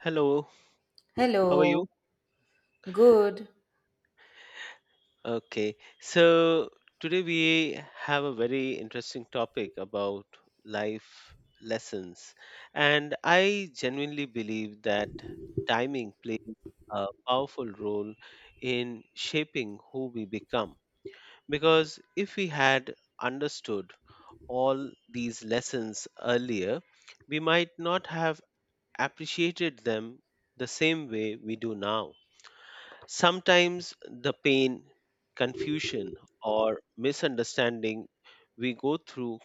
Hello, how are you? Hello, good. Okay, so today we have a very interesting topic about life lessons. And I genuinely believe that timing plays a powerful role in shaping who we become. Because if we had understood all these lessons earlier, we might not have appreciated them the same way we do now. Sometimes the pain, confusion, or misunderstanding we go through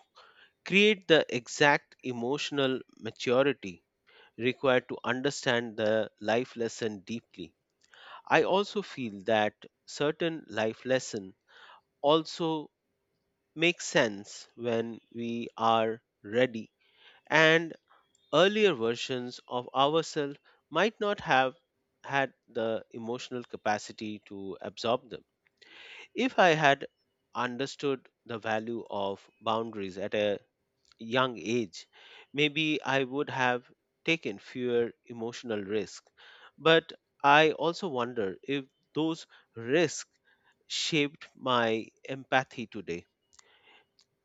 create the exact emotional maturity required to understand the life lesson deeply. I also feel that certain life lesson also make sense when we are ready and earlier versions of ourselves might not have had the emotional capacity to absorb them. If I had understood the value of boundaries at a young age, maybe I would have taken fewer emotional risks. But I also wonder if those risks shaped my empathy today.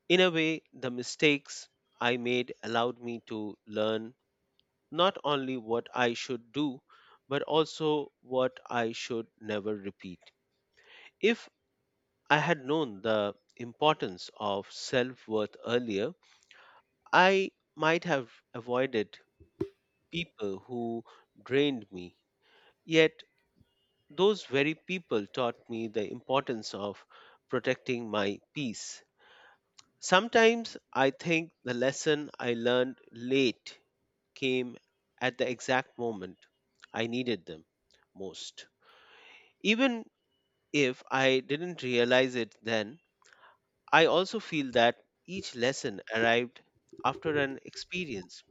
In a way, the mistakes I made allowed me to learn not only what I should do, but also what I should never repeat. If I had known the importance of self worth earlier, I might have avoided people who drained me. Yet, those very people taught me the importance of protecting my peace. Sometimes I think the lesson I learned late came at the exact moment I needed them most. Even if I didn't realize it then, I also feel that each lesson arrived after an experience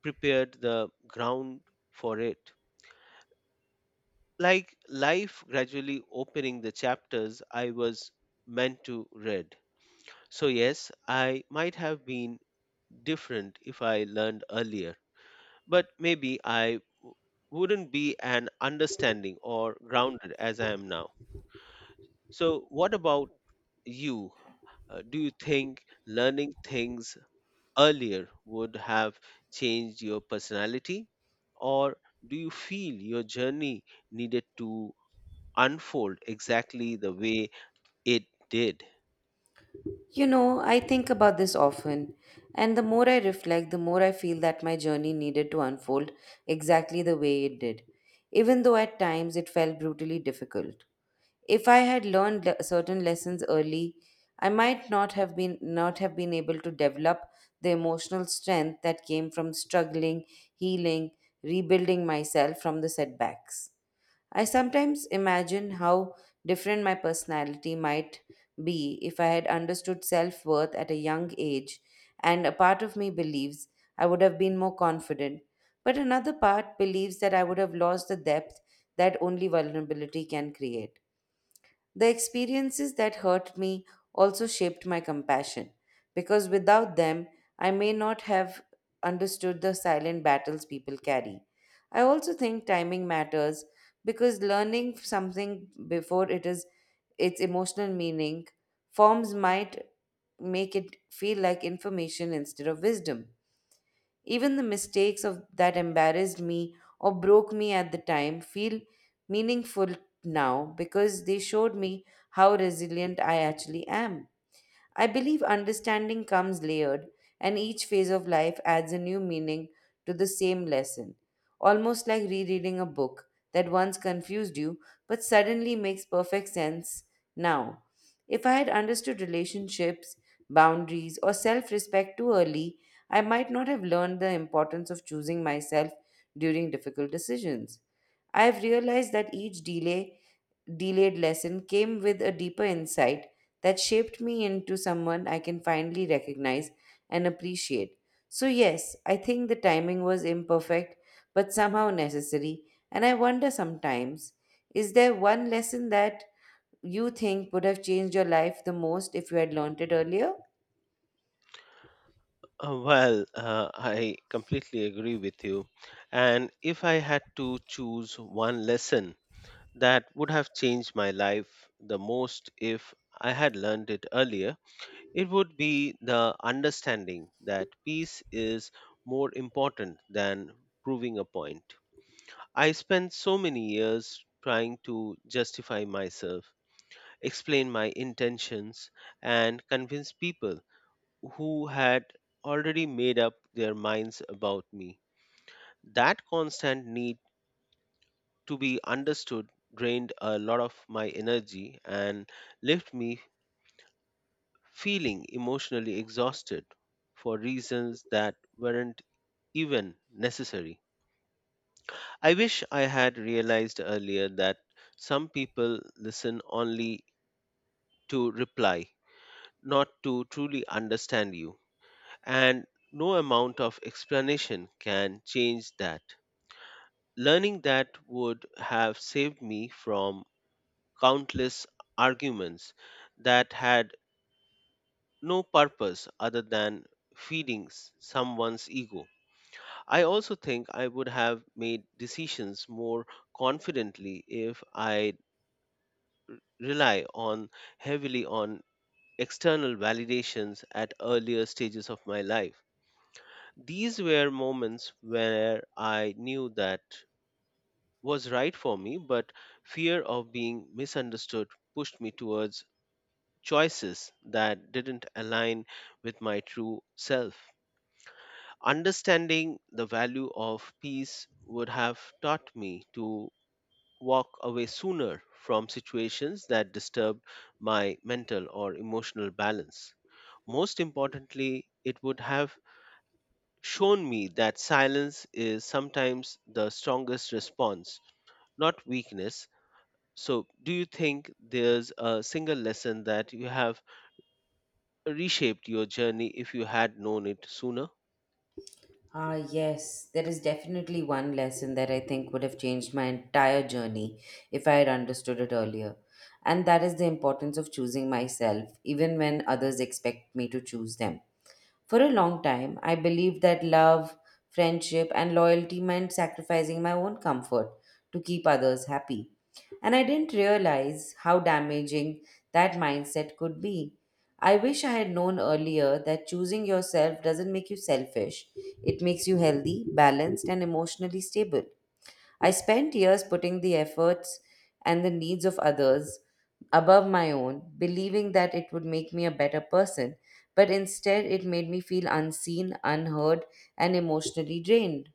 prepared the ground for it. Like life gradually opening the chapters I was meant to read. So, yes, I might have been different if I learned earlier, but maybe wouldn't be an understanding or grounded as I am now. So, what about you? Do you think learning things earlier would have changed your personality? Or do you feel your journey needed to unfold exactly the way it did? You know, I think about this often, and the more I reflect, the more I feel that my journey needed to unfold exactly the way it did, even though at times it felt brutally difficult. If I had learned certain lessons early, I might not have been able to develop the emotional strength that came from struggling, healing, rebuilding myself from the setbacks. I sometimes imagine how different my personality might be if I had understood self worth at a young age, and a part of me believes I would have been more confident, but another part believes that I would have lost the depth that only vulnerability can create. The experiences that hurt me also shaped my compassion, because without them, I may not have understood the silent battles people carry. I also think timing matters because learning something before it is its emotional meaning forms might make it feel like information instead of wisdom. Even the mistakes of that embarrassed me or broke me at the time feel meaningful now because they showed me how resilient I actually am. I believe understanding comes layered, and each phase of life adds a new meaning to the same lesson, almost like rereading a book that once confused you but suddenly makes perfect sense now. If I had understood relationships, boundaries, or self respect too early, I might not have learned the importance of choosing myself during difficult decisions. I have realized that each delayed lesson came with a deeper insight that shaped me into someone I can finally recognize and appreciate. So, yes, I think the timing was imperfect, but somehow necessary. And I wonder sometimes, is there one lesson that you think would have changed your life the most if you had learnt it earlier? Well, I completely agree with you. And if I had to choose one lesson that would have changed my life the most if I had learned it earlier, it would be the understanding that peace is more important than proving a point. I spent so many years trying to justify myself, explain my intentions, and convince people who had already made up their minds about me. That constant need to be understood drained a lot of my energy and left me feeling emotionally exhausted for reasons that weren't even necessary. I wish I had realized earlier that some people listen only to reply, not to truly understand you, and no amount of explanation can change that. Learning that would have saved me from countless arguments that had no purpose other than feeding someone's ego. I also think I would have made decisions more confidently if I rely on heavily on external validations at earlier stages of my life. These were moments where I knew that was right for me, but fear of being misunderstood pushed me towards choices that didn't align with my true self. Understanding the value of peace would have taught me to walk away sooner from situations that disturbed my mental or emotional balance. Most importantly, it would have shown me that silence is sometimes the strongest response, not weakness. So, do you think there's a single lesson that you have reshaped your journey if you had known it sooner? Ah, yes, there is definitely one lesson that I think would have changed my entire journey if I had understood it earlier. And that is the importance of choosing myself, even when others expect me to choose them. For a long time, I believed that love, friendship, and loyalty meant sacrificing my own comfort to keep others happy. And I didn't realize how damaging that mindset could be. I wish I had known earlier that choosing yourself doesn't make you selfish, it makes you healthy, balanced, and emotionally stable. I spent years putting the efforts and the needs of others above my own, believing that it would make me a better person, but instead it made me feel unseen, unheard, and emotionally drained.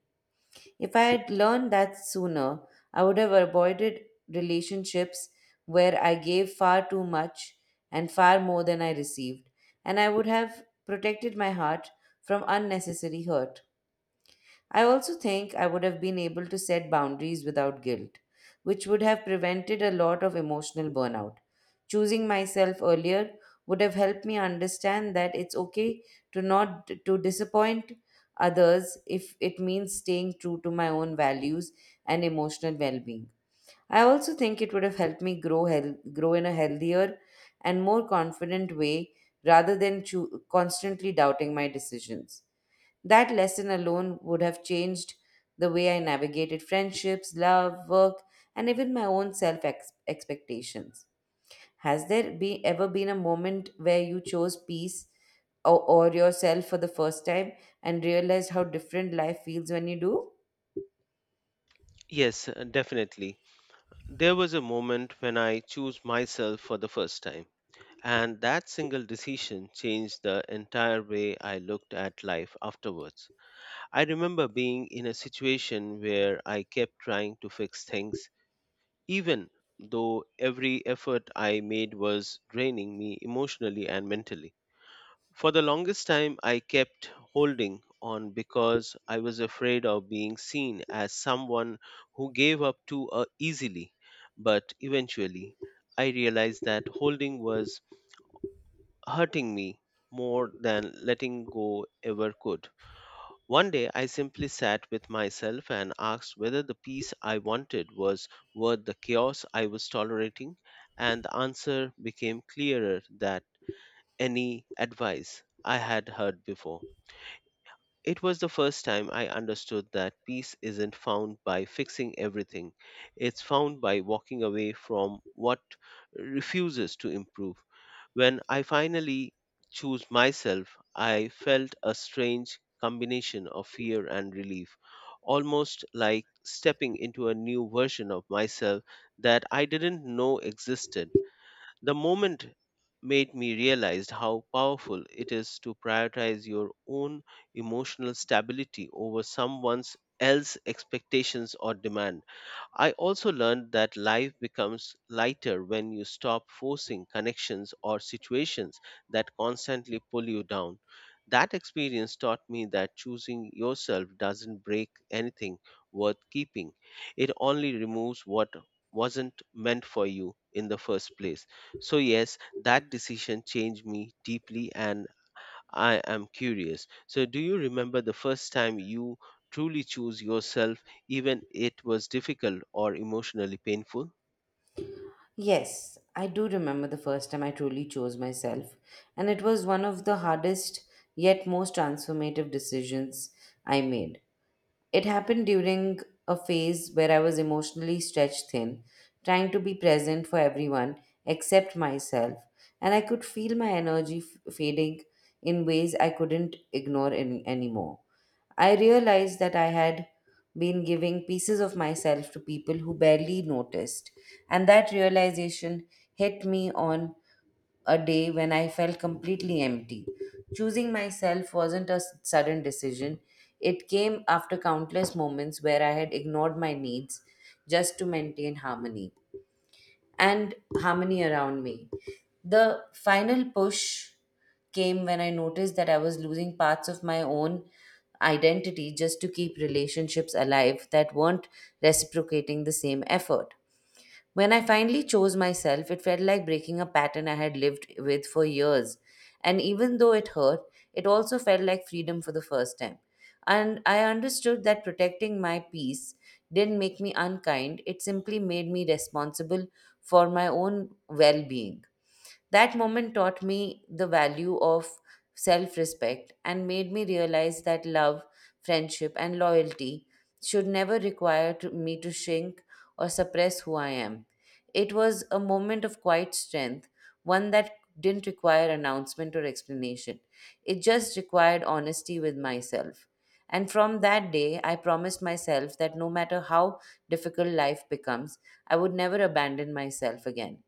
If I had learned that sooner, I would have avoided relationships where I gave far too much and far more than I received, and I would have protected my heart from unnecessary hurt. I also think I would have been able to set boundaries without guilt, which would have prevented a lot of emotional burnout. Choosing myself earlier would have helped me understand that it's okay to not to disappoint others if it means staying true to my own values and emotional well-being. I also think it would have helped me grow in a healthier and more confident way rather than constantly doubting my decisions. That lesson alone would have changed the way I navigated friendships, love, work, and even my own expectations. Has there ever been a moment where you chose peace or yourself for the first time and realized how different life feels when you do? Yes, definitely. There was a moment when I chose myself for the first time, and that single decision changed the entire way I looked at life afterwards. I remember being in a situation where I kept trying to fix things even though every effort I made was draining me emotionally and mentally. For the longest time, I kept holding on because I was afraid of being seen as someone who gave up too easily. But eventually, I realized that holding was hurting me more than letting go ever could. One day I simply sat with myself and asked whether the peace I wanted was worth the chaos I was tolerating, and the answer became clearer than any advice I had heard before. It was the first time I understood that peace isn't found by fixing everything, it's found by walking away from what refuses to improve. When I finally chose myself, I felt a strange combination of fear and relief, almost like stepping into a new version of myself that I didn't know existed. The moment made me realize how powerful it is to prioritize your own emotional stability over someone else's expectations or demand. I also learned that life becomes lighter when you stop forcing connections or situations that constantly pull you down. That experience taught me that choosing yourself doesn't break anything worth keeping. It only removes what wasn't meant for you in the first place. So, yes, that decision changed me deeply and I am curious. So, do you remember the first time you truly chose yourself, even it was difficult or emotionally painful? Yes, I do remember the first time I truly chose myself, and it was one of the hardest yet most transformative decisions I made. It happened during a phase where I was emotionally stretched thin, trying to be present for everyone except myself, and I could feel my energy fading in ways I couldn't ignore anymore. I realized that I had been giving pieces of myself to people who barely noticed, and that realization hit me on a day when I felt completely empty. Choosing myself wasn't a sudden decision, it came after countless moments where I had ignored my needs just to maintain harmony around me. The final push came when I noticed that I was losing parts of my own identity just to keep relationships alive that weren't reciprocating the same effort. When I finally chose myself, it felt like breaking a pattern I had lived with for years. And even though it hurt, it also felt like freedom for the first time. And I understood that protecting my peace didn't make me unkind, it simply made me responsible for my own well being. That moment taught me the value of self respect and made me realize that love, friendship, and loyalty should never me to shrink or suppress who I am. It was a moment of quiet strength, one that didn't require announcement or explanation. It just required honesty with myself. And from that day, I promised myself that no matter how difficult life becomes, I would never abandon myself again.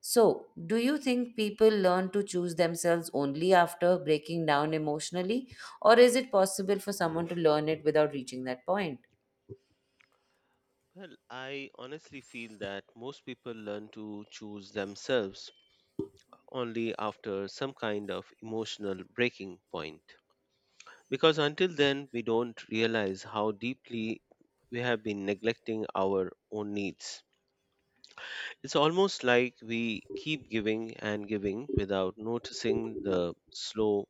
So, do you think people learn to choose themselves only after breaking down emotionally, or is it possible for someone to learn it without reaching that point? Well, I honestly feel that most people learn to choose themselves only after some kind of emotional breaking point. Because until then, we don't realize how deeply we have been neglecting our own needs. It's almost like we keep giving and giving without noticing the slow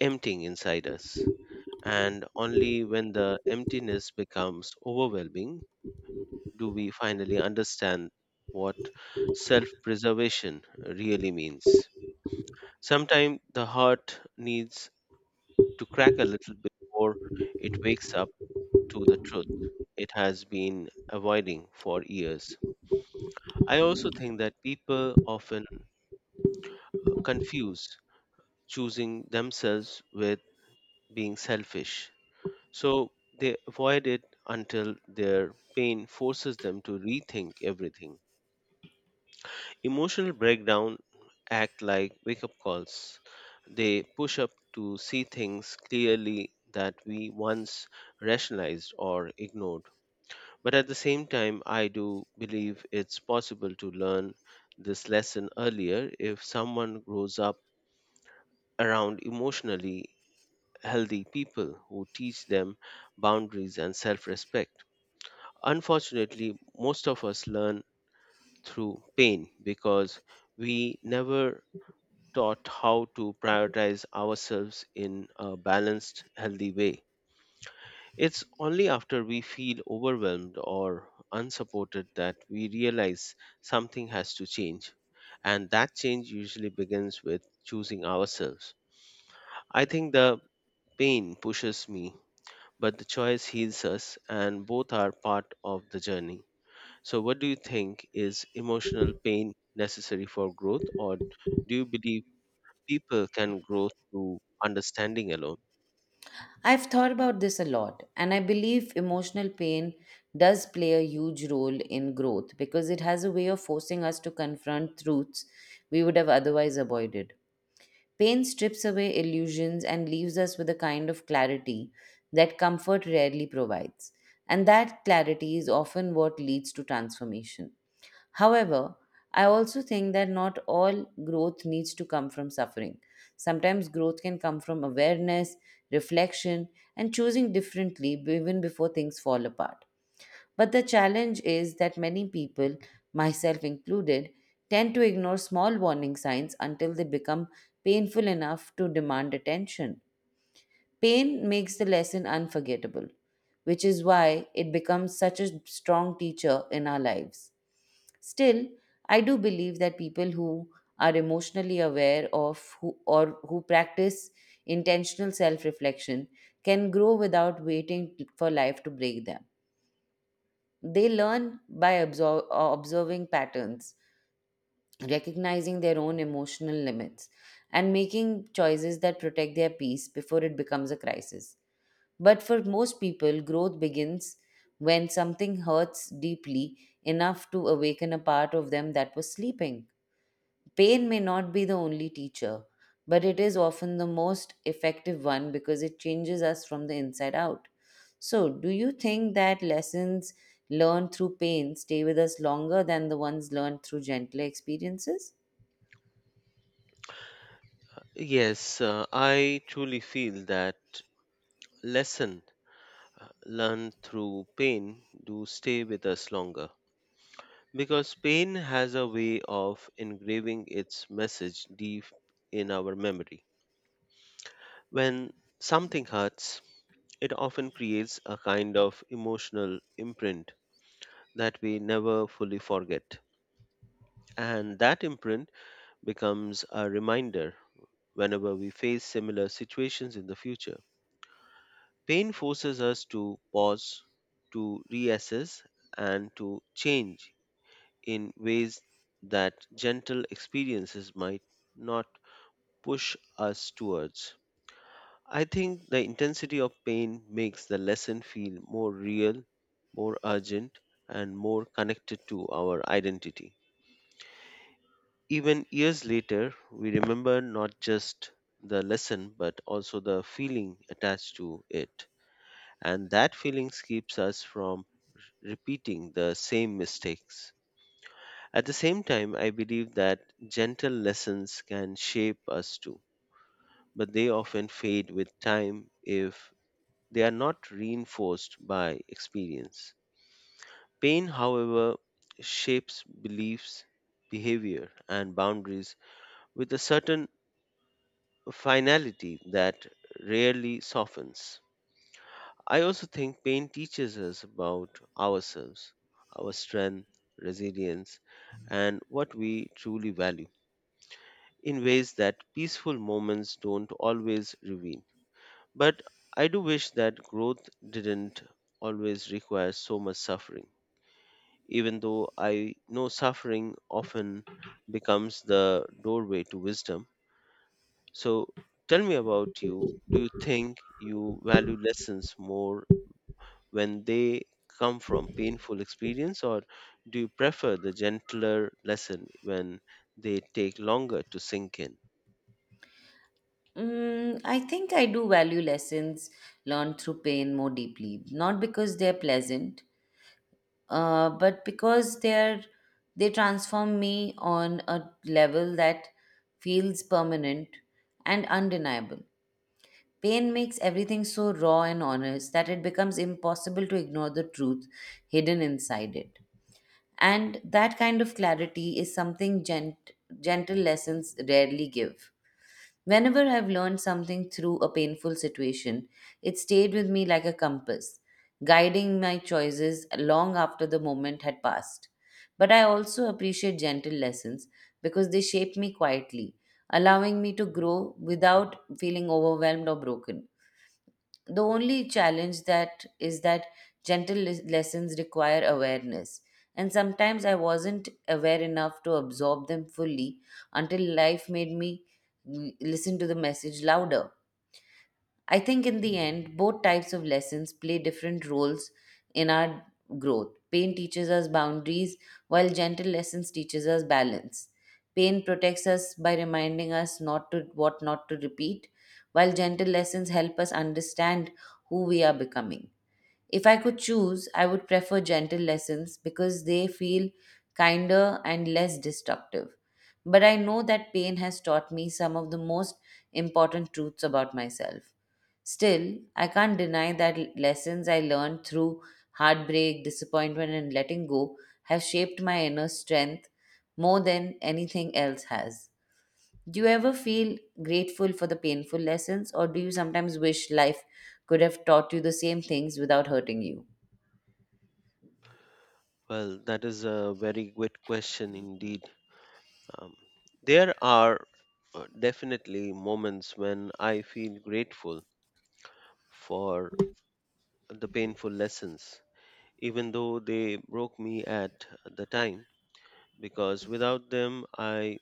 emptying inside us. And only when the emptiness becomes overwhelming do we finally understand what self preservation really means. Sometimes the heart needs to crack a little before it wakes up to the truth it has been avoiding for years. I also think that people often confuse choosing themselves with being selfish. So they avoid it until their pain forces them to rethink everything. Emotional breakdown act like wake up calls. They push up to see things clearly that we once rationalized or ignored. But at the same time, I do believe it's possible to learn this lesson earlier if someone grows up around emotionally healthy people who teach them boundaries and self respect. Unfortunately, most of us learn through pain because we never taught how to prioritize ourselves in a balanced, healthy way. It's only after we feel overwhelmed or unsupported that we realize something has to change. And that change usually begins with choosing ourselves. I think the pain pushes me but the choice heals us, and both are part of the journey. So, what do you think is emotional pain necessary for growth, or do you believe people can grow through understanding alone? I've thought about this a lot, and I believe emotional pain does play a huge role in growth because it has a way of forcing us to confront truths we would have otherwise avoided. Pain strips away illusions and leaves us with a kind of clarity that comfort rarely provides. And that clarity is often what leads to transformation. However, I also think that not all growth needs to come from suffering. Sometimes growth can come from awareness, reflection, and choosing differently even before things fall apart. But the challenge is that many people, myself included, tend to ignore small warning signs until they become painful enough to demand attention. Pain makes the lesson unforgettable, which is why it becomes such a strong teacher in our lives. Still, I do believe that people who are emotionally or who practice intentional self reflection can grow without waiting for life to break them. They learn by observing patterns, recognizing their own emotional limits, and making choices that protect their peace before it becomes a crisis. But for most people, growth begins when something hurts deeply enough to awaken a part of them that was sleeping. Pain may not be the only teacher, but it is often the most effective one because it changes us from the inside out. So, do you think that lessons learned through pain stay with us longer than the ones learned through gentler experiences? Yes, I truly feel that lesson learned through pain do stay with us longer because pain has a way of engraving its message deep in our memory. When something hurts, it often creates a kind of emotional imprint that we never fully forget. And that imprint becomes a reminder whenever we face similar situations in the future. Pain forces us to pause, to reassess, and to change in ways that gentle experiences might not push us towards. I think the intensity of pain makes the lesson feel more real, more urgent, and more connected to our identity. Even years later, we remember not just the lesson but also the feeling attached to it. And that feeling keeps us from repeating the same mistakes. At the same time, I believe that gentle lessons can shape us too, but they often fade with time if they are not reinforced by experience. Pain, however, shapes beliefs, behavior, and boundaries with a certain finality that rarely softens. I also think pain teaches us about ourselves, our strength, resilience, and what we truly value in ways that peaceful moments don't always reveal. But I do wish that growth didn't always require so much suffering, even though I know suffering often becomes the doorway to wisdom. So tell me about you. Do you think you value lessons more when they come from painful experience, or do you prefer the gentler lesson when they take longer to sink in? I think I do value lessons learned through pain more deeply, not because they're pleasant, but because they transform me on a level that feels permanent and undeniable. Pain makes everything so raw and honest that it becomes impossible to ignore the truth hidden inside it. And that kind of clarity is something gentle lessons rarely give. Whenever I've learned something through a painful situation, it stayed with me like a compass, guiding my choices long after the moment had passed. But I also appreciate gentle lessons because they shape me quietly, allowing me to grow without feeling overwhelmed or broken. The only challenge that is that gentle lessons require awareness, and sometimes I wasn't aware enough to absorb them fully until life made me listen to the message louder. I think in the end, both types of lessons play different roles in our growth. Pain teaches us boundaries, while gentle lessons teaches us balance. Pain protects us by reminding us not to what not to repeat, while gentle lessons help us understand who we are becoming. If I could choose, I would prefer gentle lessons because they feel kinder and less destructive. But I know that pain has taught me some of the most important truths about myself. Still, I can't deny that lessons I learned through heartbreak, disappointment, and letting go have shaped my inner strength more than anything else has. Do you ever feel grateful for the painful lessons, or do you sometimes wish life could have taught you the same things without hurting you? Well, that is a very good question indeed. Um, there are definitely moments when I feel grateful for the painful lessons, even though they broke me at the time, because without them, I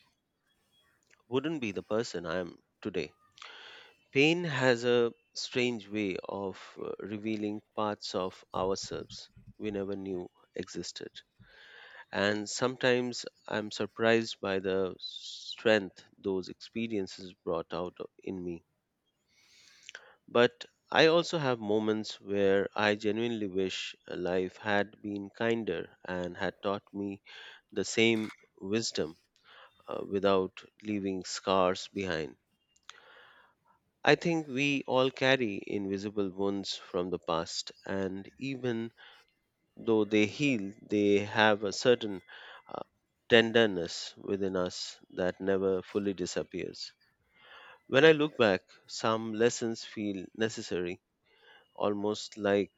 wouldn't be the person I am today. Pain has a strange way of revealing parts of ourselves we never knew existed. And sometimes I'm surprised by the strength those experiences brought out in me. But I also have moments where I genuinely wish life had been kinder and had taught me the same wisdom without leaving scars behind. I think we all carry invisible wounds from the past, and even though they heal, they have a certain uh, tenderness within us that never fully disappears. When I look back, some lessons feel necessary, almost like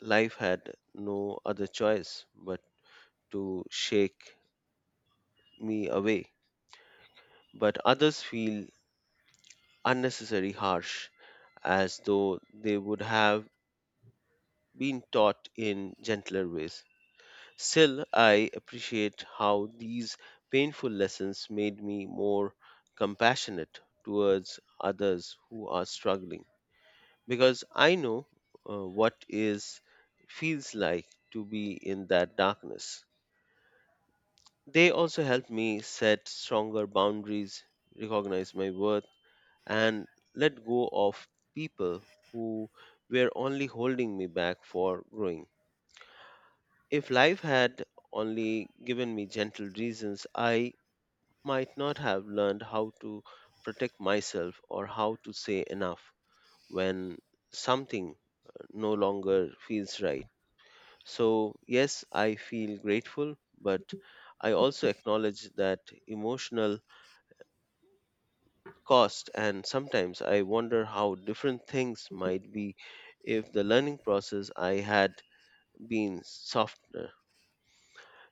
life had no other choice but to shake me away. But others feel unnecessarily harsh, as though they would have been taught in gentler ways. Still, I appreciate how these painful lessons made me more compassionate towards others who are struggling because I know what is feels like to be in that darkness. They also help me set stronger boundaries, recognize my worth, and let go of people who were only holding me back for growing. If life had only given me gentle reasons, I might not have learned how to protect myself or how to say enough when something no longer feels right. So, yes, I feel grateful, but I also acknowledge that emotional cost and sometimes I wonder how different things might be if the learning process I had been softer.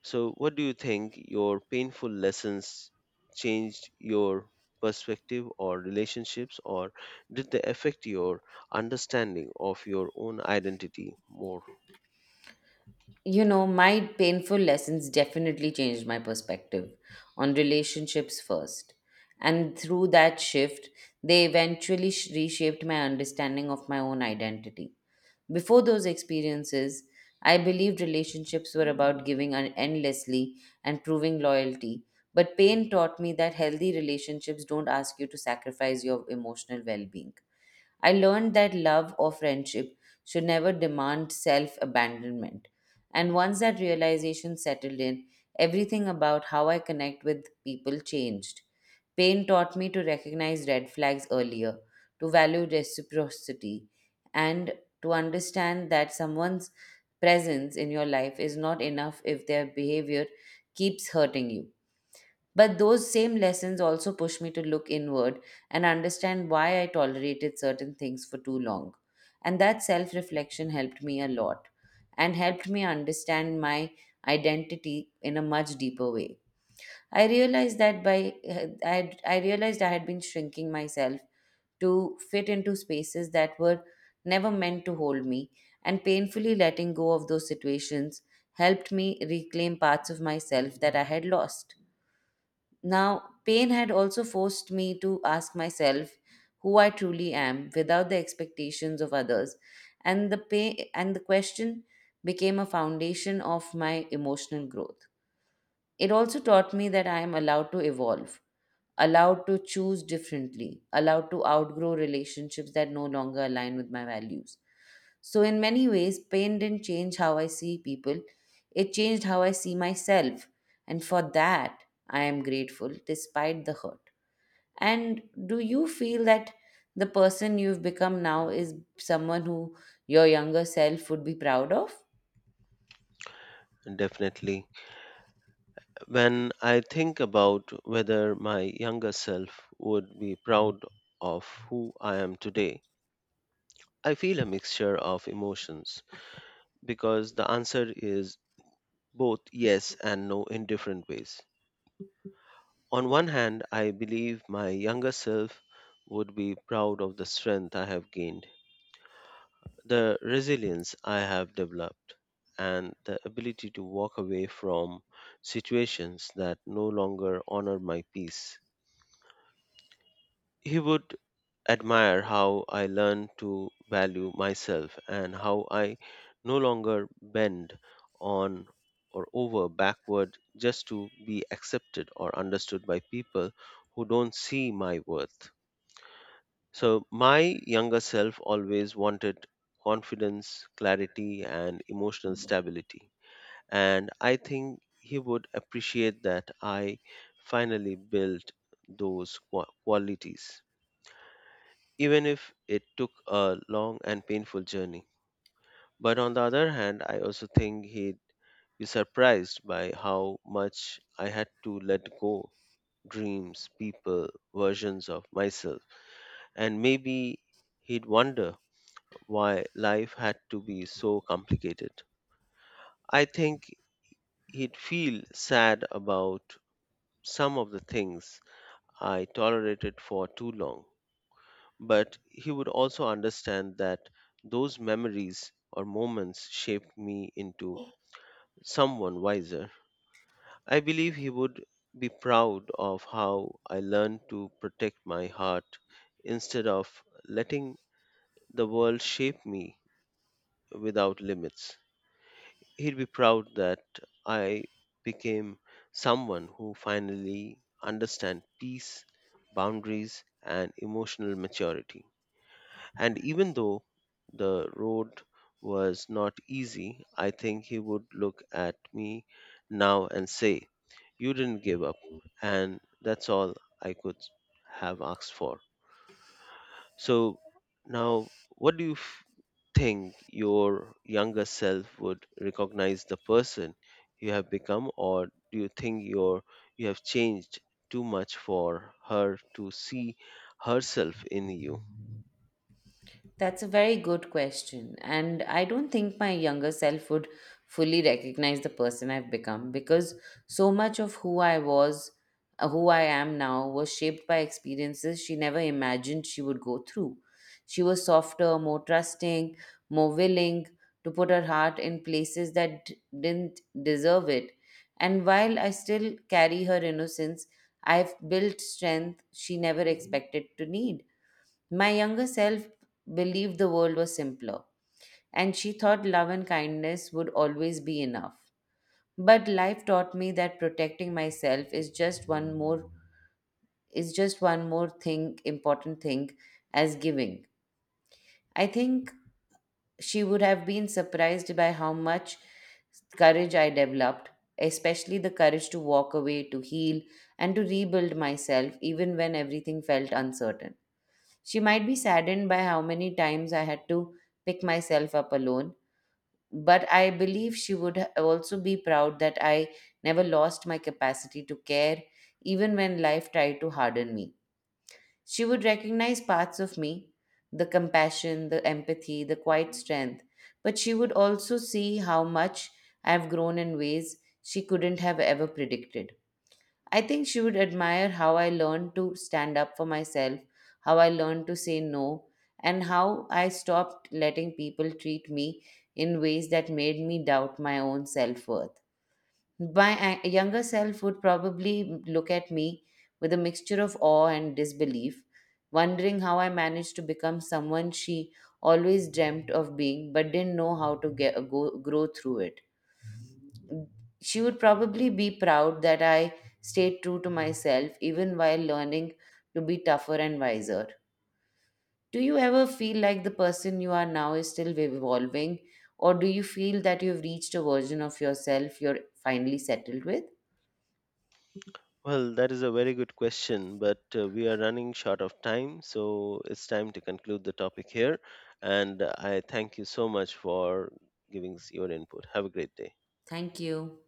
So what do you think your painful lessons changed your perspective or relationships, or did they affect your understanding of your own identity more? You know, my painful lessons definitely changed my perspective on relationships first. And through that shift, they eventually reshaped my understanding of my own identity. Before those experiences, I believed relationships were about giving endlessly and proving loyalty. But pain taught me that healthy relationships don't ask you to sacrifice your emotional well being. I learned that love or friendship should never demand self abandonment. And once that realization settled in, everything about how I connect with people changed. Pain taught me to recognize red flags earlier, to value reciprocity, and to understand that someone's presence in your life is not enough if their behavior keeps hurting you. But those same lessons also push me to look inward and understand why I tolerated certain things for too long. And that self reflection helped me a lot and helped me understand my identity in a much deeper way. I realized that by I realized I had been shrinking myself to fit into spaces that were never meant to hold me, and painfully letting go of those situations helped me reclaim parts of myself that I had lost. Now, pain had also forced me to ask myself who I truly am without the expectations of others. And the pain and the question became a foundation of my emotional growth. It also taught me that I am allowed to evolve, allowed to choose differently, allowed to outgrow relationships that no longer align with my values. So, in many ways, pain didn't change how I see people, it changed how I see myself. And for that, I am grateful despite the hurt. And do you feel that the person you've become now is someone who your younger self would be proud of? Definitely. When I think about whether my younger self would be proud of who I am today, I feel a mixture of emotions because the answer is both yes and no in different ways. On one hand, I believe my younger self would be proud of the strength I have gained, the resilience I have developed, and the ability to walk away from situations that no longer honor my peace. He would admire how I learned to value myself and how I no longer bend on or over backward just to be accepted or understood by people who don't see my worth. So, my younger self always wanted confidence, clarity, and emotional stability. And I think he would appreciate that I finally built those qualities even if it took a long and painful journey. But on the other hand, I also think he'd be surprised by how much I had to let go dreams, people, versions of myself. And maybe he'd wonder why life had to be so complicated. I think he'd feel sad about some of the things I tolerated for too long. But he would also understand that those memories or moments shaped me into someone wiser. I believe he would be proud of how I learned to protect my heart instead of letting the world shape me without limits. He'd be proud that I became someone who finally understand peace, boundaries and emotional maturity. And even though the road was not easy, I think he would look at me now and say, "You didn't give up. And that's all I could have asked for." So now, what do you f- think your younger self would recognize the person you have become, or do you think you have changed too much for her to see herself in you? That's a very good question. And I don't think my younger self would fully recognize the person I've become, because so much of who I was, who I am now, was shaped by experiences she never imagined she would go through. She was softer, more trusting, more willing to put her heart in places that didn't deserve it. And while I still carry her innocence, I've built strength she never expected to need. My younger self believed the world was simpler, and she thought love and kindness would always be enough. But life taught me that protecting myself is just one more is just one more thing important thing as giving. I think she would have been surprised by how much courage I developed, especially the courage to walk away, to heal, and to rebuild myself even when everything felt uncertain. She might be saddened by how many times I had to pick myself up alone, but I believe she would also be proud that I never lost my capacity to care, even when life tried to harden me. She would recognize parts of me, the compassion, the empathy, the quiet strength, but she would also see how much I've grown in ways she couldn't have ever predicted. I think she would admire how I learned to stand up for myself, how I learned to say no, and how I stopped letting people treat me in ways that made me doubt my own self worth. Younger self would probably look at me with a mixture of awe and disbelief, wondering how I managed to become someone she always dreamt of being, but didn't know how to grow through it. She would probably be proud that I stayed true to myself even while learning to be tougher and wiser. Do you ever feel like the person you are now is still evolving, or do you feel that you've reached a version of yourself you're finally settled with? Well, that is a very good question, but we are running short of time, so it's time to conclude the topic here. And I thank you so much for giving us your input. Have a great day. Thank you.